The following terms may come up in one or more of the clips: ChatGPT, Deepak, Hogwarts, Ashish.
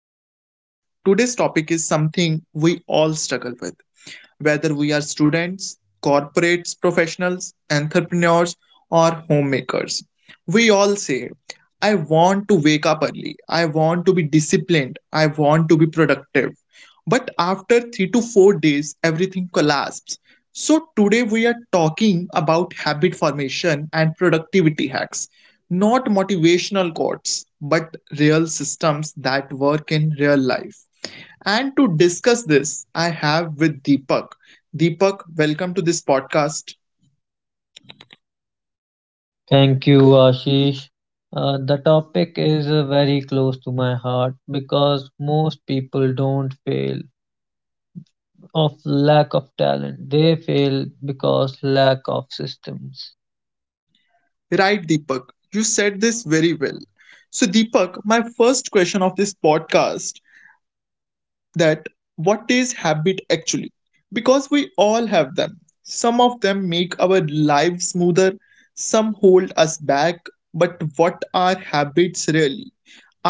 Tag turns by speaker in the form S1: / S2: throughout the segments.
S1: the podcast. Today's topic is something we all struggle with, whether we are students, corporates, professionals, entrepreneurs, or homemakers. We all say, I want to wake up early, I want to be disciplined, I want to be productive. But after 3 to 4 days, everything collapsed. So, today we are talking about habit formation and productivity hacks, not motivational quotes, but real systems that work in real life. And to discuss this, I have with Deepak. Deepak, welcome to this podcast.
S2: Thank you, Ashish. The topic is very close to my heart because most people don't fail of lack of talent. They fail because lack of systems.
S1: Right, Deepak, you said this very well. So, Deepak, my first question of this podcast, that what is habit actually, because we all have them. Some of them make our lives smoother, some hold us back. But what are habits really?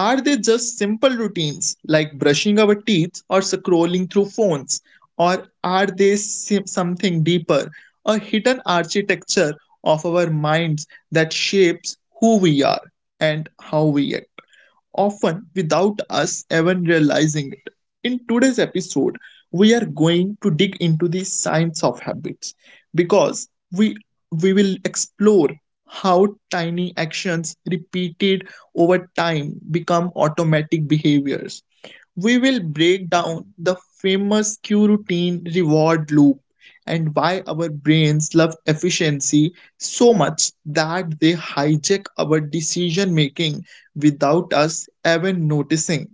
S1: Are they just simple routines like brushing our teeth or scrolling through phones, or are they something deeper, a hidden architecture of our minds that shapes who we are and how we act, often without us even realizing it. In today's episode, we are going to dig into the science of habits, because we will explore how tiny actions repeated over time become automatic behaviors. We will break down the famous cue routine reward loop, and why our brains love efficiency so much that they hijack our decision making without us even noticing.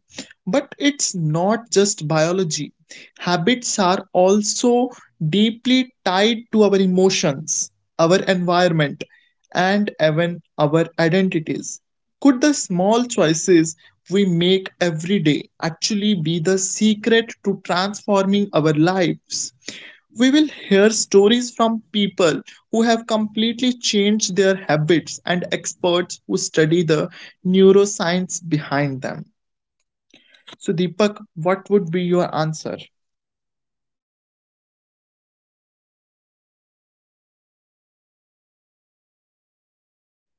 S1: But it's not just biology, habits are also deeply tied to our emotions, our environment, and even our identities. Could the small choices we make every day actually be the secret to transforming our lives? We will hear stories from people who have completely changed their habits, and experts who study the neuroscience behind them. So, Deepak, what would be your answer?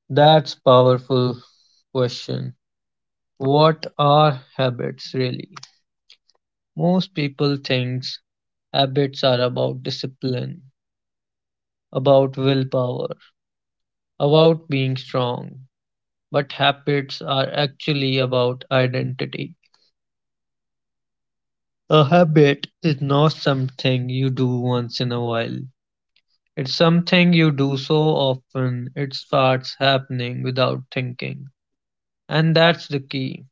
S2: That's powerful question. What are habits really? Most people thinks habits are about discipline, about willpower, about being strong. But habits are actually about identity. A habit is not something you do once in a while. It's something you do so often it starts happening without thinking. And that's the key.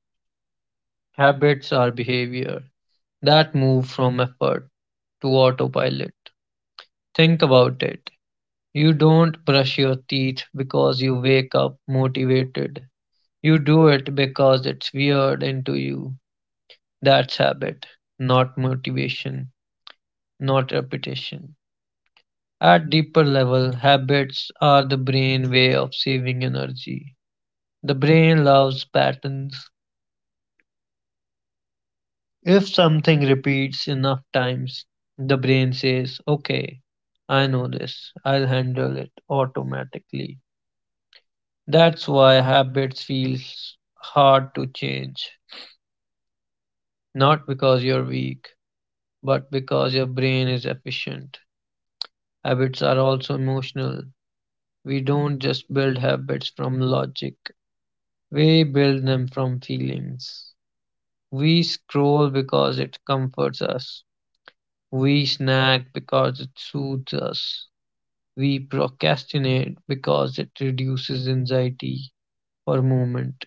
S2: Habits are behavior that move from effort to autopilot. Think about it. You don't brush your teeth because you wake up motivated. You do it because it's weird into you. That's habit, not motivation, not repetition. At deeper level, habits are the brain way of saving energy. The brain loves patterns. If something repeats enough times, the brain says, okay, I know this, I'll handle it automatically. That's why habits feel hard to change. Not because you're weak, but because your brain is efficient. Habits are also emotional. We don't just build habits from logic. We build them from feelings. We scroll because it comforts us. We snack because it soothes us. We procrastinate because it reduces anxiety for a moment.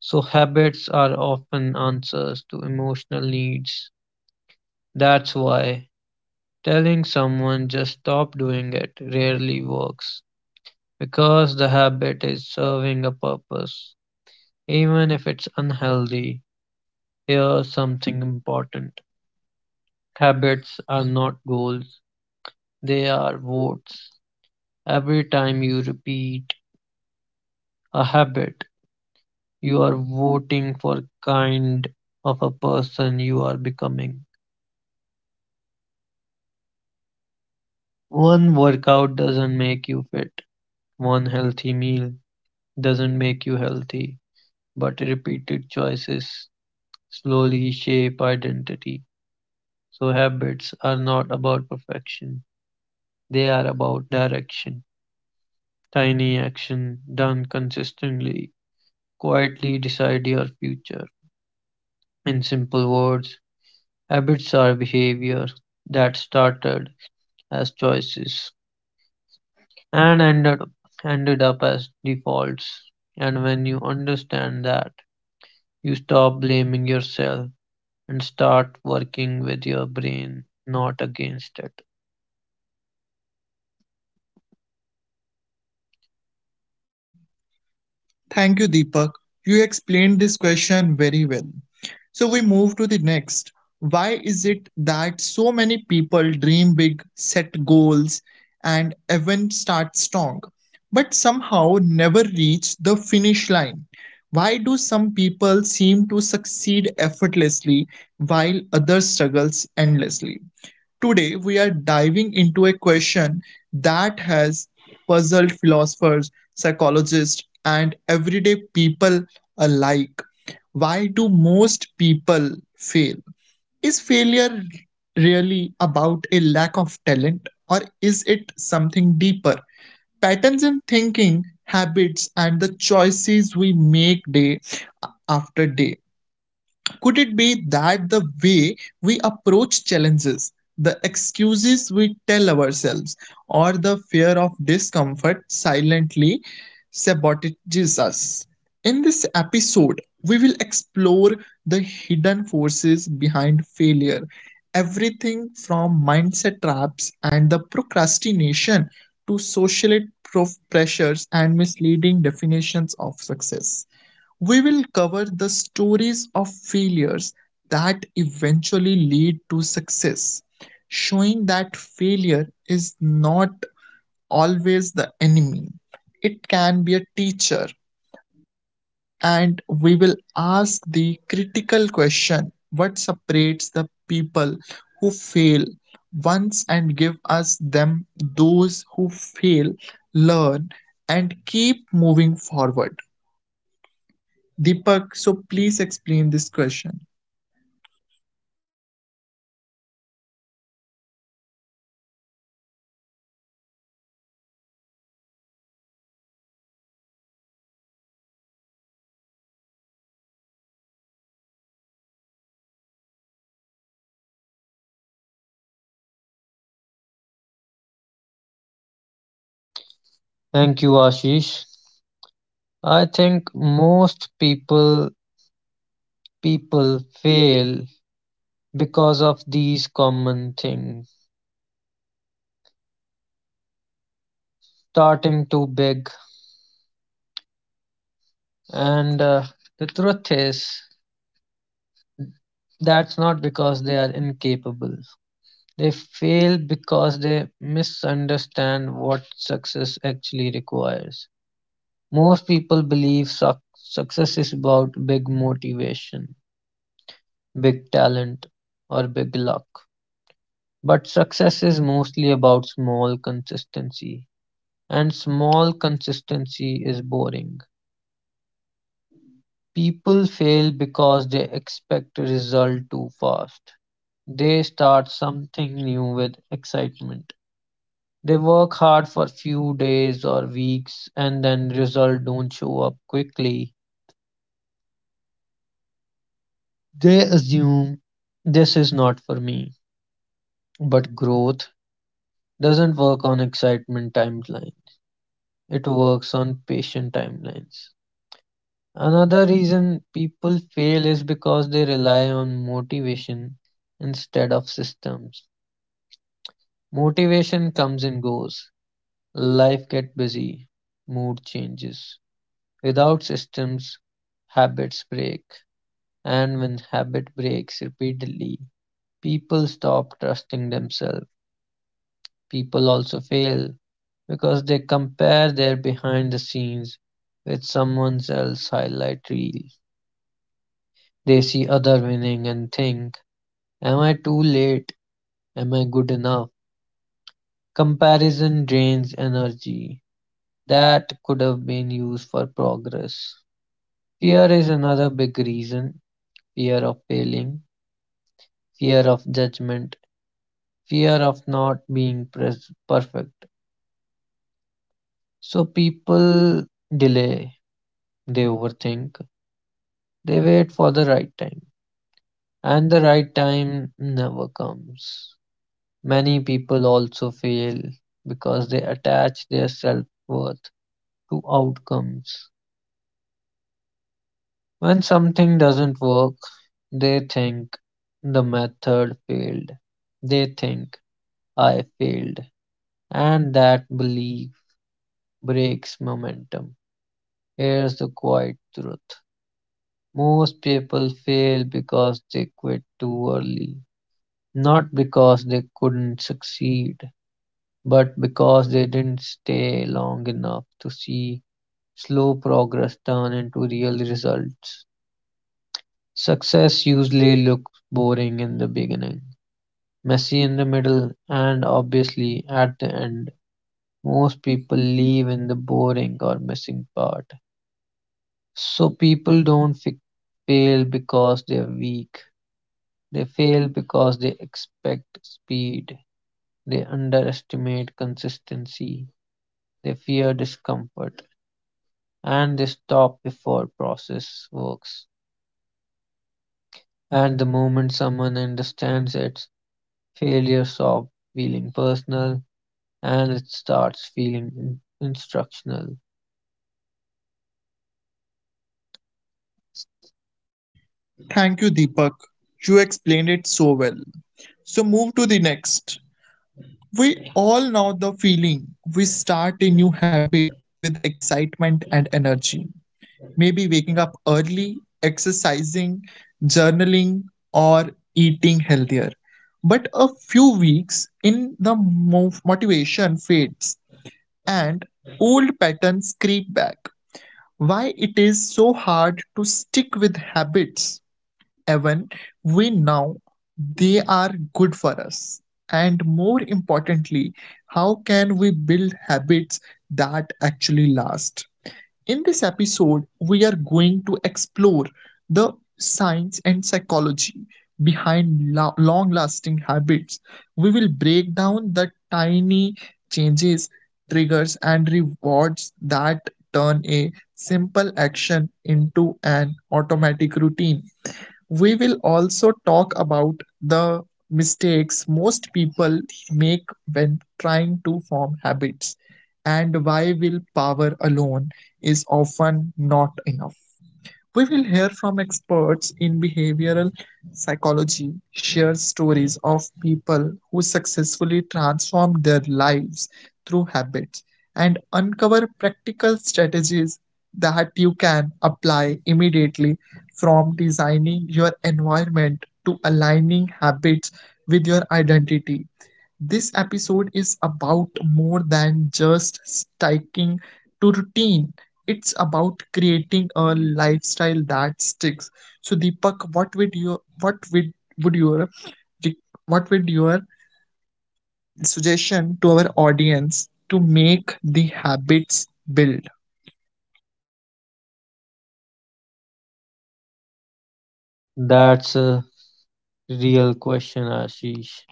S2: So, habits are often answers to emotional needs. That's why telling someone just stop doing it rarely works because the habit is serving a purpose, even if it's unhealthy. Here's something important: habits are not goals, they are votes. Every time you repeat a habit, you are voting for kind of a person you are becoming. One workout doesn't make you fit. One healthy meal doesn't make you healthy, but repeated choices slowly shape identity. So habits are not about perfection, they are about direction. Tiny action done consistently quietly decide your future. In simple words, habits are behavior that started as choices and ended up as defaults. And when you understand that, you stop blaming yourself and start working with your brain, not against it.
S1: Thank you, Deepak. You explained this question very well. So we move to the next. Why is it that so many people dream big, set goals, and even start strong, but somehow never reach the finish line? Why do some people seem to succeed effortlessly while others struggles endlessly? Today, we are diving into a question that has puzzled philosophers, psychologists, and everyday people alike. Why do most people fail? Is failure really about a lack of talent, or is it something deeper? Patterns in thinking, habits, and the choices we make day after day. Could it be that the way we approach challenges, the excuses we tell ourselves, or the fear of discomfort silently sabotages us? In this episode, we will explore the hidden forces behind failure, everything from mindset traps and the procrastination to social pressures and misleading definitions of success. We will cover the stories of failures that eventually lead to success, showing that failure is not always the enemy. It can be a teacher, and we will ask the critical question, what separates the people who fail once and give us them those who fail, learn, and keep moving forward. Deepak, so please explain this question.
S2: Thank you, Ashish. I think most people fail because of these common things, starting too big and the truth is that's not because they are incapable. They fail because they misunderstand what success actually requires. Most people believe success is about big motivation, big talent, or big luck, but success is mostly about small consistency, and small consistency is boring. People fail because they expect a result too fast. They start something new with excitement. They work hard for few days or weeks and then result don't show up quickly. They assume this is not for me. But growth doesn't work on excitement timeline. It works on patient timelines. Another reason people fail is because they rely on motivation instead of systems. Motivation comes and goes, life gets busy, mood changes. Without systems, habits break, and when habit breaks repeatedly, people stop trusting themselves. People also fail because they compare their behind the scenes with someone else's highlight reel. They see other winning and think, am I too late? Am I good enough? Comparison drains energy that could have been used for progress. Fear is another big reason: fear of failing, fear of judgment, fear of not being perfect. So people delay, they overthink, they wait for the right time, and the right time never comes. Many people also fail because they attach their self worth to outcomes. When something doesn't work, they think the method failed. They think I failed. And that belief breaks momentum. Here's the quiet truth. Most people fail because they quit too early. Not because they couldn't succeed, but because they didn't stay long enough to see slow progress turn into real results. Success usually looks boring in the beginning, messy in the middle, and obviously at the end. Most people leave in the boring or missing part. So people don't fail because they're weak. They fail because they expect speed. They underestimate consistency. They fear discomfort. And they stop before process works. And the moment someone understands it, failure stops feeling personal and it starts feeling instructional.
S1: Thank you, Deepak. You explained it so well. So, move to the next. We all know the feeling. We start a new habit with excitement and energy. Maybe waking up early, exercising, journaling, or eating healthier. But a few weeks in, the motivation fades and old patterns creep back. Why it is so hard to stick with habits, even we know they are good for us? And more importantly, how can we build habits that actually last? In this episode, we are going to explore the science and psychology behind long lasting habits. We will break down the tiny changes, triggers, and rewards that turn a simple action into an automatic routine. We will also talk about the mistakes most people make when trying to form habits, and why willpower alone is often not enough. We will hear from experts in behavioral psychology, share stories of people who successfully transformed their lives through habits, and uncover practical strategies that you can apply immediately, from designing your environment to aligning habits with your identity. This episode is about more than just sticking to routine. It's about creating a lifestyle that sticks. So, Deepak, would your what would your suggestion to our audience to make the habits build?
S2: That's a real question, Ashish.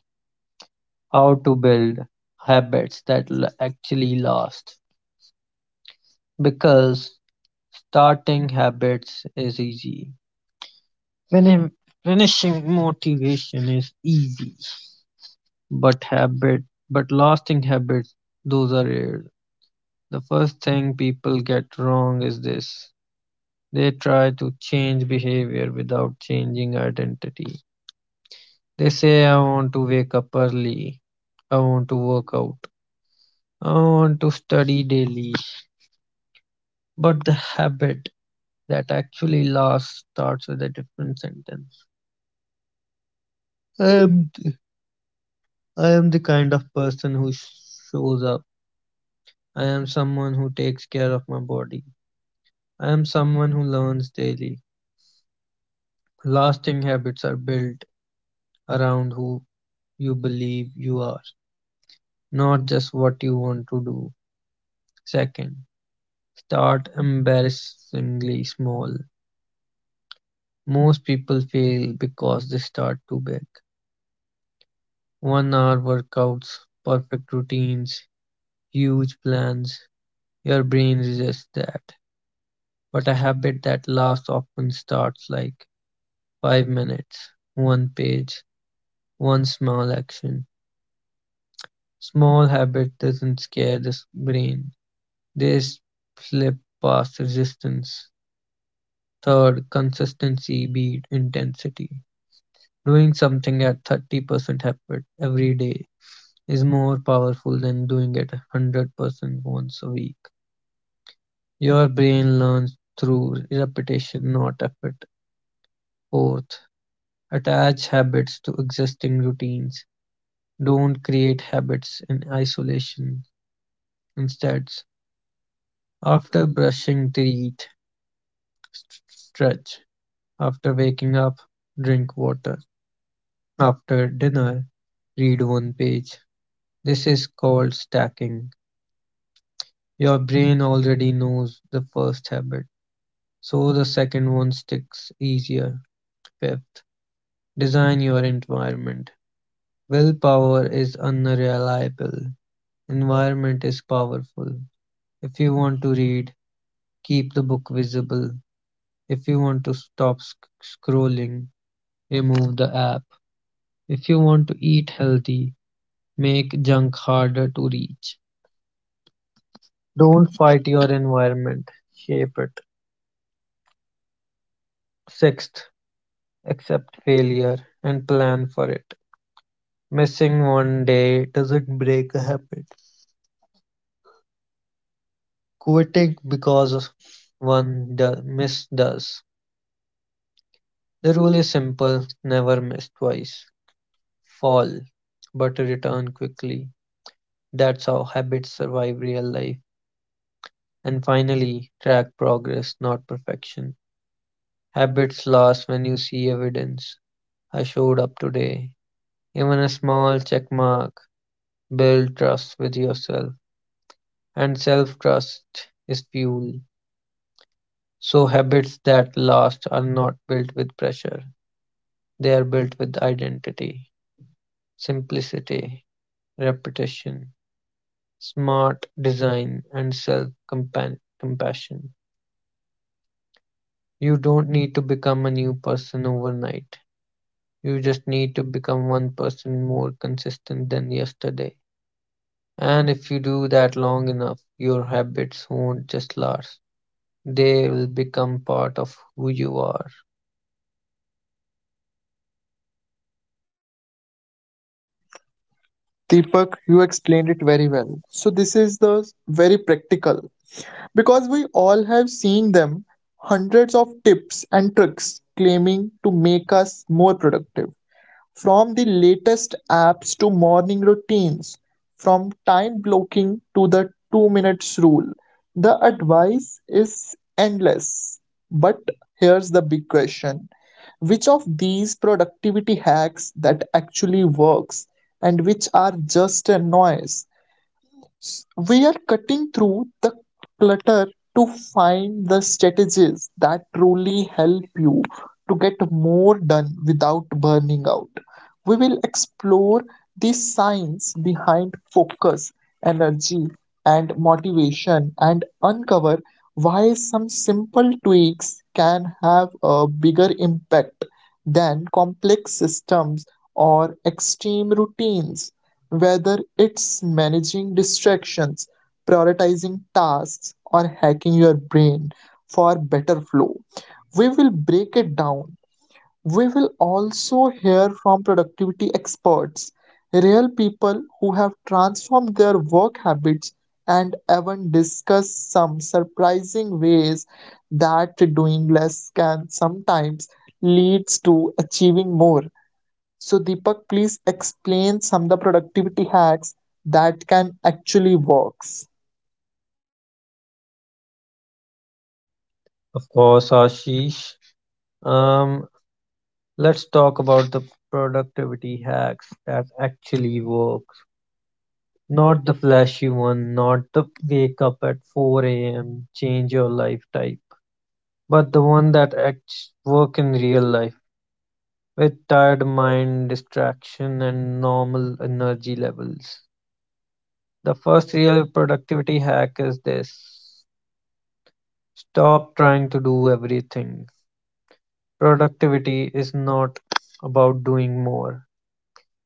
S2: How to build habits that actually last? Because starting habits is easy. Fini- Finishing motivation is easy, but habit, but lasting habits, those are rare. The first thing people get wrong is this. They try to change behavior without changing identity. They say, I want to wake up early. I want to work out. I want to study daily, but the habit that actually lasts starts with a different sentence. I am, I am the kind of person who shows up. I am someone who takes care of my body. I am someone who learns daily. Lasting habits are built around who you believe you are, not just what you want to do. Second, start embarrassingly small. Most people fail because they start too big. One-hour workouts, perfect routines, huge plans. Your brain resists that. But a habit that lasts often starts like 5 minutes, one page, one small action. Small habit doesn't scare the brain. They slip past resistance. Third, consistency beat intensity. Doing something at 30% effort every day is more powerful than doing it 100% once a week. Your brain learns through repetition, not effort. Fourth, attach habits to existing routines. Don't create habits in isolation. Instead, after brushing teeth, stretch. After waking up, drink water. After dinner, read one page. This is called stacking. Your brain already knows the first habit, so the second one sticks easier. Fifth, design your environment. Willpower is unreliable; environment is powerful. If you want to read, keep the book visible. If you want to stop scrolling, remove the app. If you want to eat healthy, make junk harder to reach. Don't fight your environment, shape it. Sixth, accept failure and plan for it. Missing one day doesn't break a habit. Quitting because of one miss does. The rule is simple: never miss twice, fall, but return quickly. That's how habits survive real life. And finally, track progress, not perfection. Habits last when you see evidence. I showed up today. Even a small check mark. Build trust with yourself. And self trust is fuel. So habits that last are not built with pressure. They are built with identity, simplicity, repetition, smart design, and self-compassion. You don't need to become a new person overnight. You just need to become one person more consistent than yesterday. And if you do that long enough, your habits won't just last. They will become part of who you are.
S1: Deepak, you explained it very well. So this is the very practical. Because we all have seen them hundreds of tips and tricks claiming to make us more productive. From the latest apps to morning routines, from time blocking to the 2 minutes rule, the advice is endless. But here's the big question, which of these productivity hacks that actually works, and which are just a noise? We are cutting through the clutter to find the strategies that truly help you to get more done without burning out. We will explore the science behind focus, energy, and motivation, and uncover why some simple tweaks can have a bigger impact than complex systems or extreme routines. Whether it's managing distractions, prioritizing tasks, or hacking your brain for better flow, we will break it down. We will also hear from productivity experts, real people who have transformed their work habits, and even discuss some surprising ways that doing less can sometimes leads to achieving more. So, Deepak, please explain some of the productivity hacks that can actually works.
S2: Of course, Ashish. Um, let's talk about the productivity hacks that actually work. Not the flashy one, not the wake up at 4 a.m., change your life type, but the one that acts work in real life with tired mind, distraction, and normal energy levels. The first real productivity hack is this: stop trying to do everything. Productivity is not about doing more,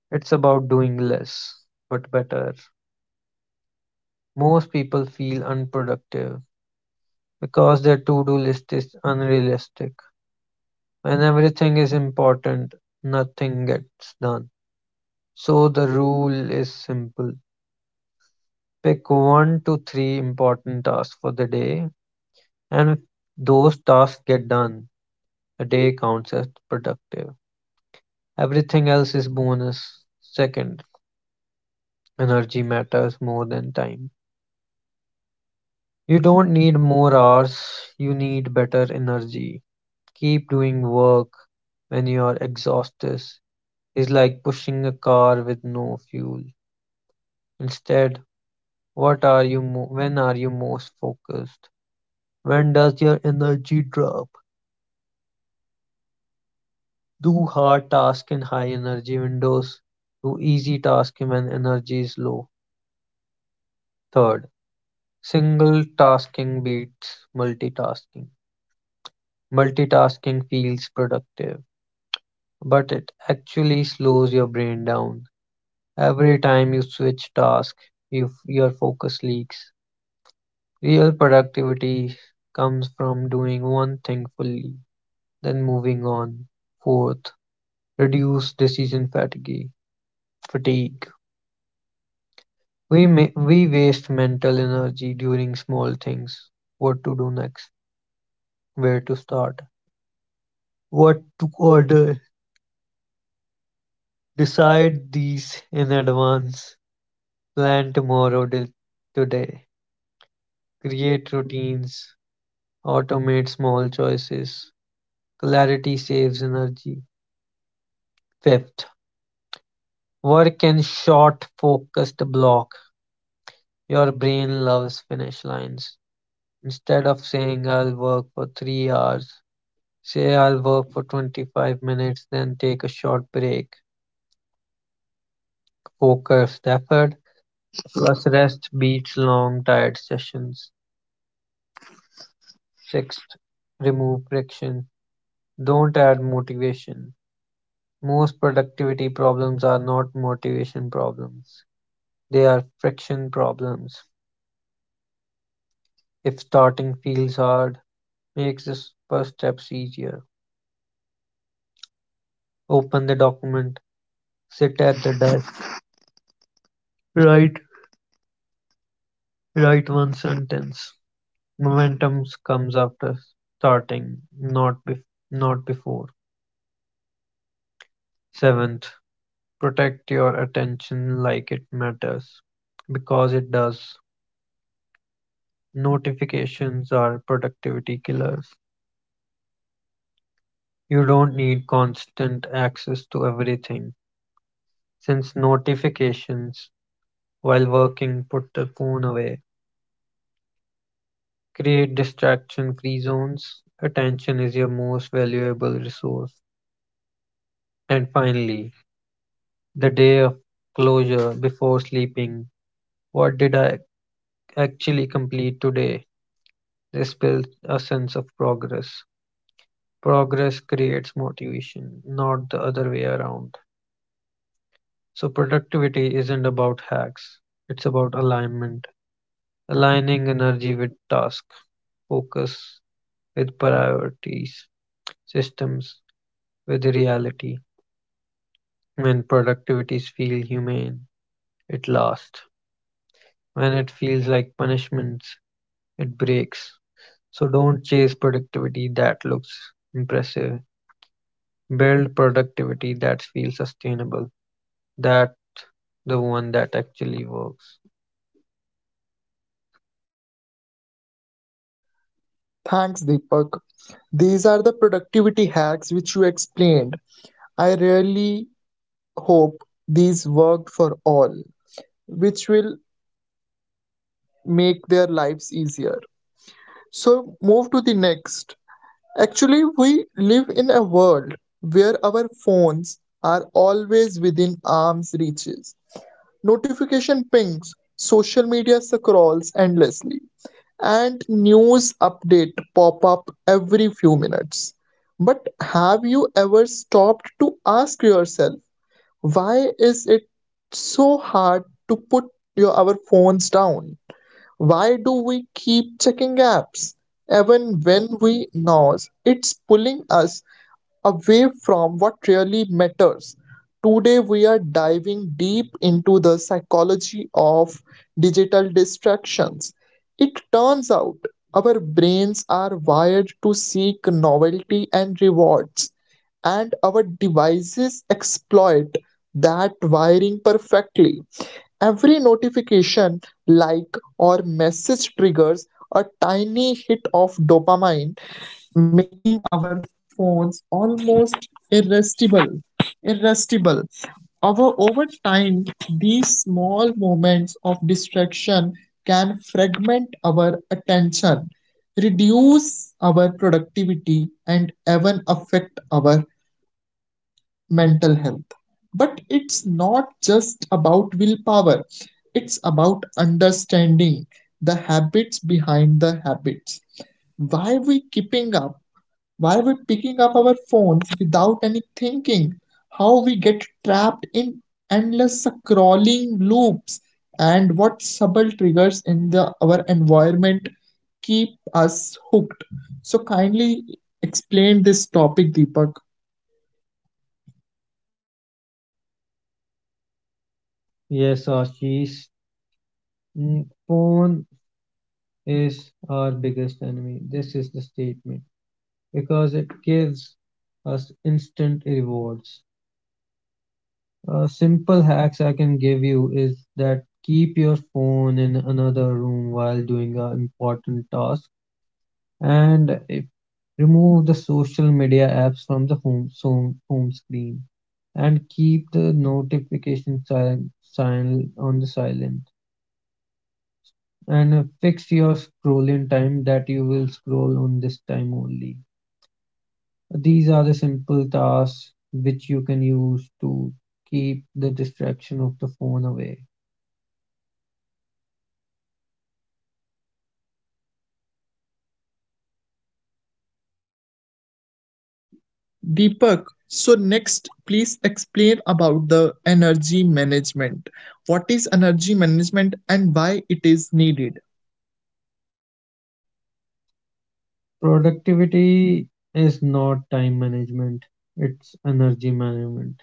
S2: it's about doing less, but better. Most people feel unproductive because their to-do list is unrealistic: when everything is important, nothing gets done. So the rule is simple. Pick one to three important tasks for the day, and if those tasks get done, a day counts as productive. Everything else is bonus. Second, energy matters more than time. You don't need more hours, you need better energy. Keep doing work when you are exhausted is like pushing a car with no fuel. Instead, what are you mo- when are you most focused? When does your energy drop? Do hard tasks in high energy windows. Do easy tasks when energy is low. Third, single tasking beats multitasking. Multitasking feels productive, but it actually slows your brain down. Every time you switch task, your focus leaks. Real productivity comes from doing one thing fully, then moving on. Fourth, reduce decision fatigue. Fatigue. We waste mental energy during small things. What to do next? Where to start? What to order? Decide these in advance. Plan tomorrow till today. Create routines. Automate small choices. Clarity saves energy. Fifth, work in short focused block, your brain loves finish lines. Instead of saying I'll work for 3 hours, say I'll work for 25 minutes, then take a short break. Focused effort plus rest beats long tired sessions. Sixth, remove friction. Don't add motivation. Most productivity problems are not motivation problems. They are friction problems. If starting feels hard, makes this first steps easier. Open the document, sit at the desk, write write one sentence. Momentum comes after starting, not before. Seventh, protect your attention like it matters, because it does. Notifications are productivity killers. You don't need constant access to everything, since notifications while working put the phone away. Create distraction-free zones. Attention is your most valuable resource. And finally, the day of closure before sleeping. What did I actually complete today? This builds a sense of progress. Progress creates motivation, not the other way around. So, productivity isn't about hacks, it's about alignment, aligning energy with task, focus with priorities, systems with reality. When productivities feel humane, it lasts. When it feels like punishments, it breaks. So don't chase productivity that looks impressive. Build productivity that feels sustainable. That the one that actually works.
S1: Thanks, Deepak. These are the productivity hacks which you explained. I really hope these work for all, which will make their lives easier. So, move to the next. Actually, we live in a world where our phones are always within arm's reaches. Notification pings, social media scrolls endlessly, and news update pop up every few minutes. But have you ever stopped to ask yourself, why is it so hard to put your our phones down? Why do we keep checking apps even when we know it's pulling us away from what really matters? Today, we are diving deep into the psychology of digital distractions. It turns out our brains are wired to seek novelty and rewards, and our devices exploit that wiring perfectly. Every notification, like, or message triggers a tiny hit of dopamine, making our phones almost irresistible. Over time, these small moments of distraction can fragment our attention, reduce our productivity, and even affect our mental health. But it's not just about willpower, it's about understanding the habits behind the habits. Why we keeping up? Why we're picking up our phones without any thinking, how we get trapped in endless scrolling loops, and what subtle triggers in the our environment keep us hooked. So kindly explain this topic, Deepak.
S2: Yes, Ashish. Phone is our biggest enemy. This is the statement because it gives us instant rewards. Simple hacks I can give you is that keep your phone in another room while doing an important task, and if, remove the social media apps from the home screen, and keep the notification silent on the silent, and fix your scrolling time that you will scroll on this time only. These are the simple tasks which you can use to keep the distraction of the phone away.
S1: Deepak, so next, please explain about the energy management. What is energy management and why it is needed?
S2: Productivity is not time management, it's energy management.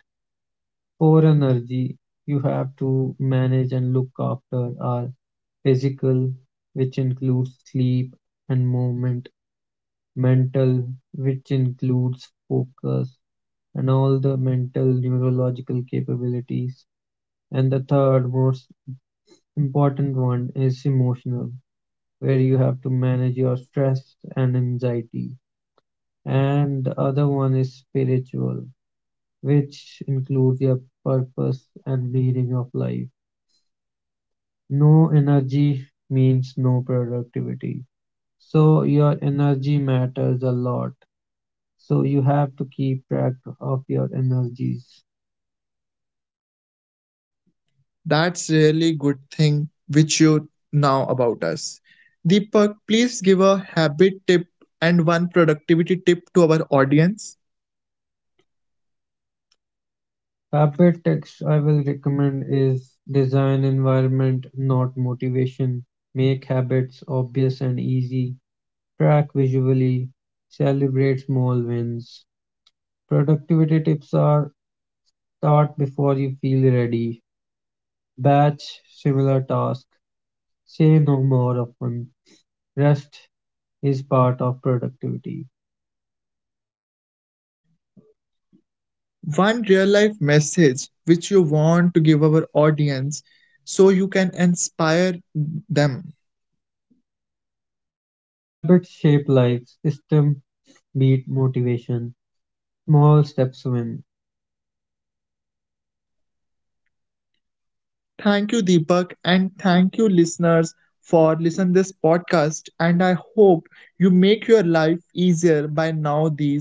S2: For energy, you have to manage and look after our physical, which includes sleep and movement, mental, which includes focus and all the mental neurological capabilities. And the third most important one is emotional, where you have to manage your stress and anxiety, and the other one is spiritual, which includes your purpose and meaning of life. No energy means no productivity. So your energy matters a lot. So you have to keep track of your energies.
S1: That's really good thing which you know about us. Deepak, please give a habit tip and one productivity tip to our audience.
S2: Habit text I will recommend is design environment, not motivation. Make habits obvious and easy. Track visually. Celebrate small wins. Productivity tips are: start before you feel ready. Batch similar tasks. Say no more often. Rest is part of productivity.
S1: One real life message which you want to give our audience so you can inspire them.
S2: Habits shape lives. System beat motivation. Small steps win.
S1: Thank you, Deepak, and thank you, listeners, for listening this podcast. And I hope you make your life easier by now these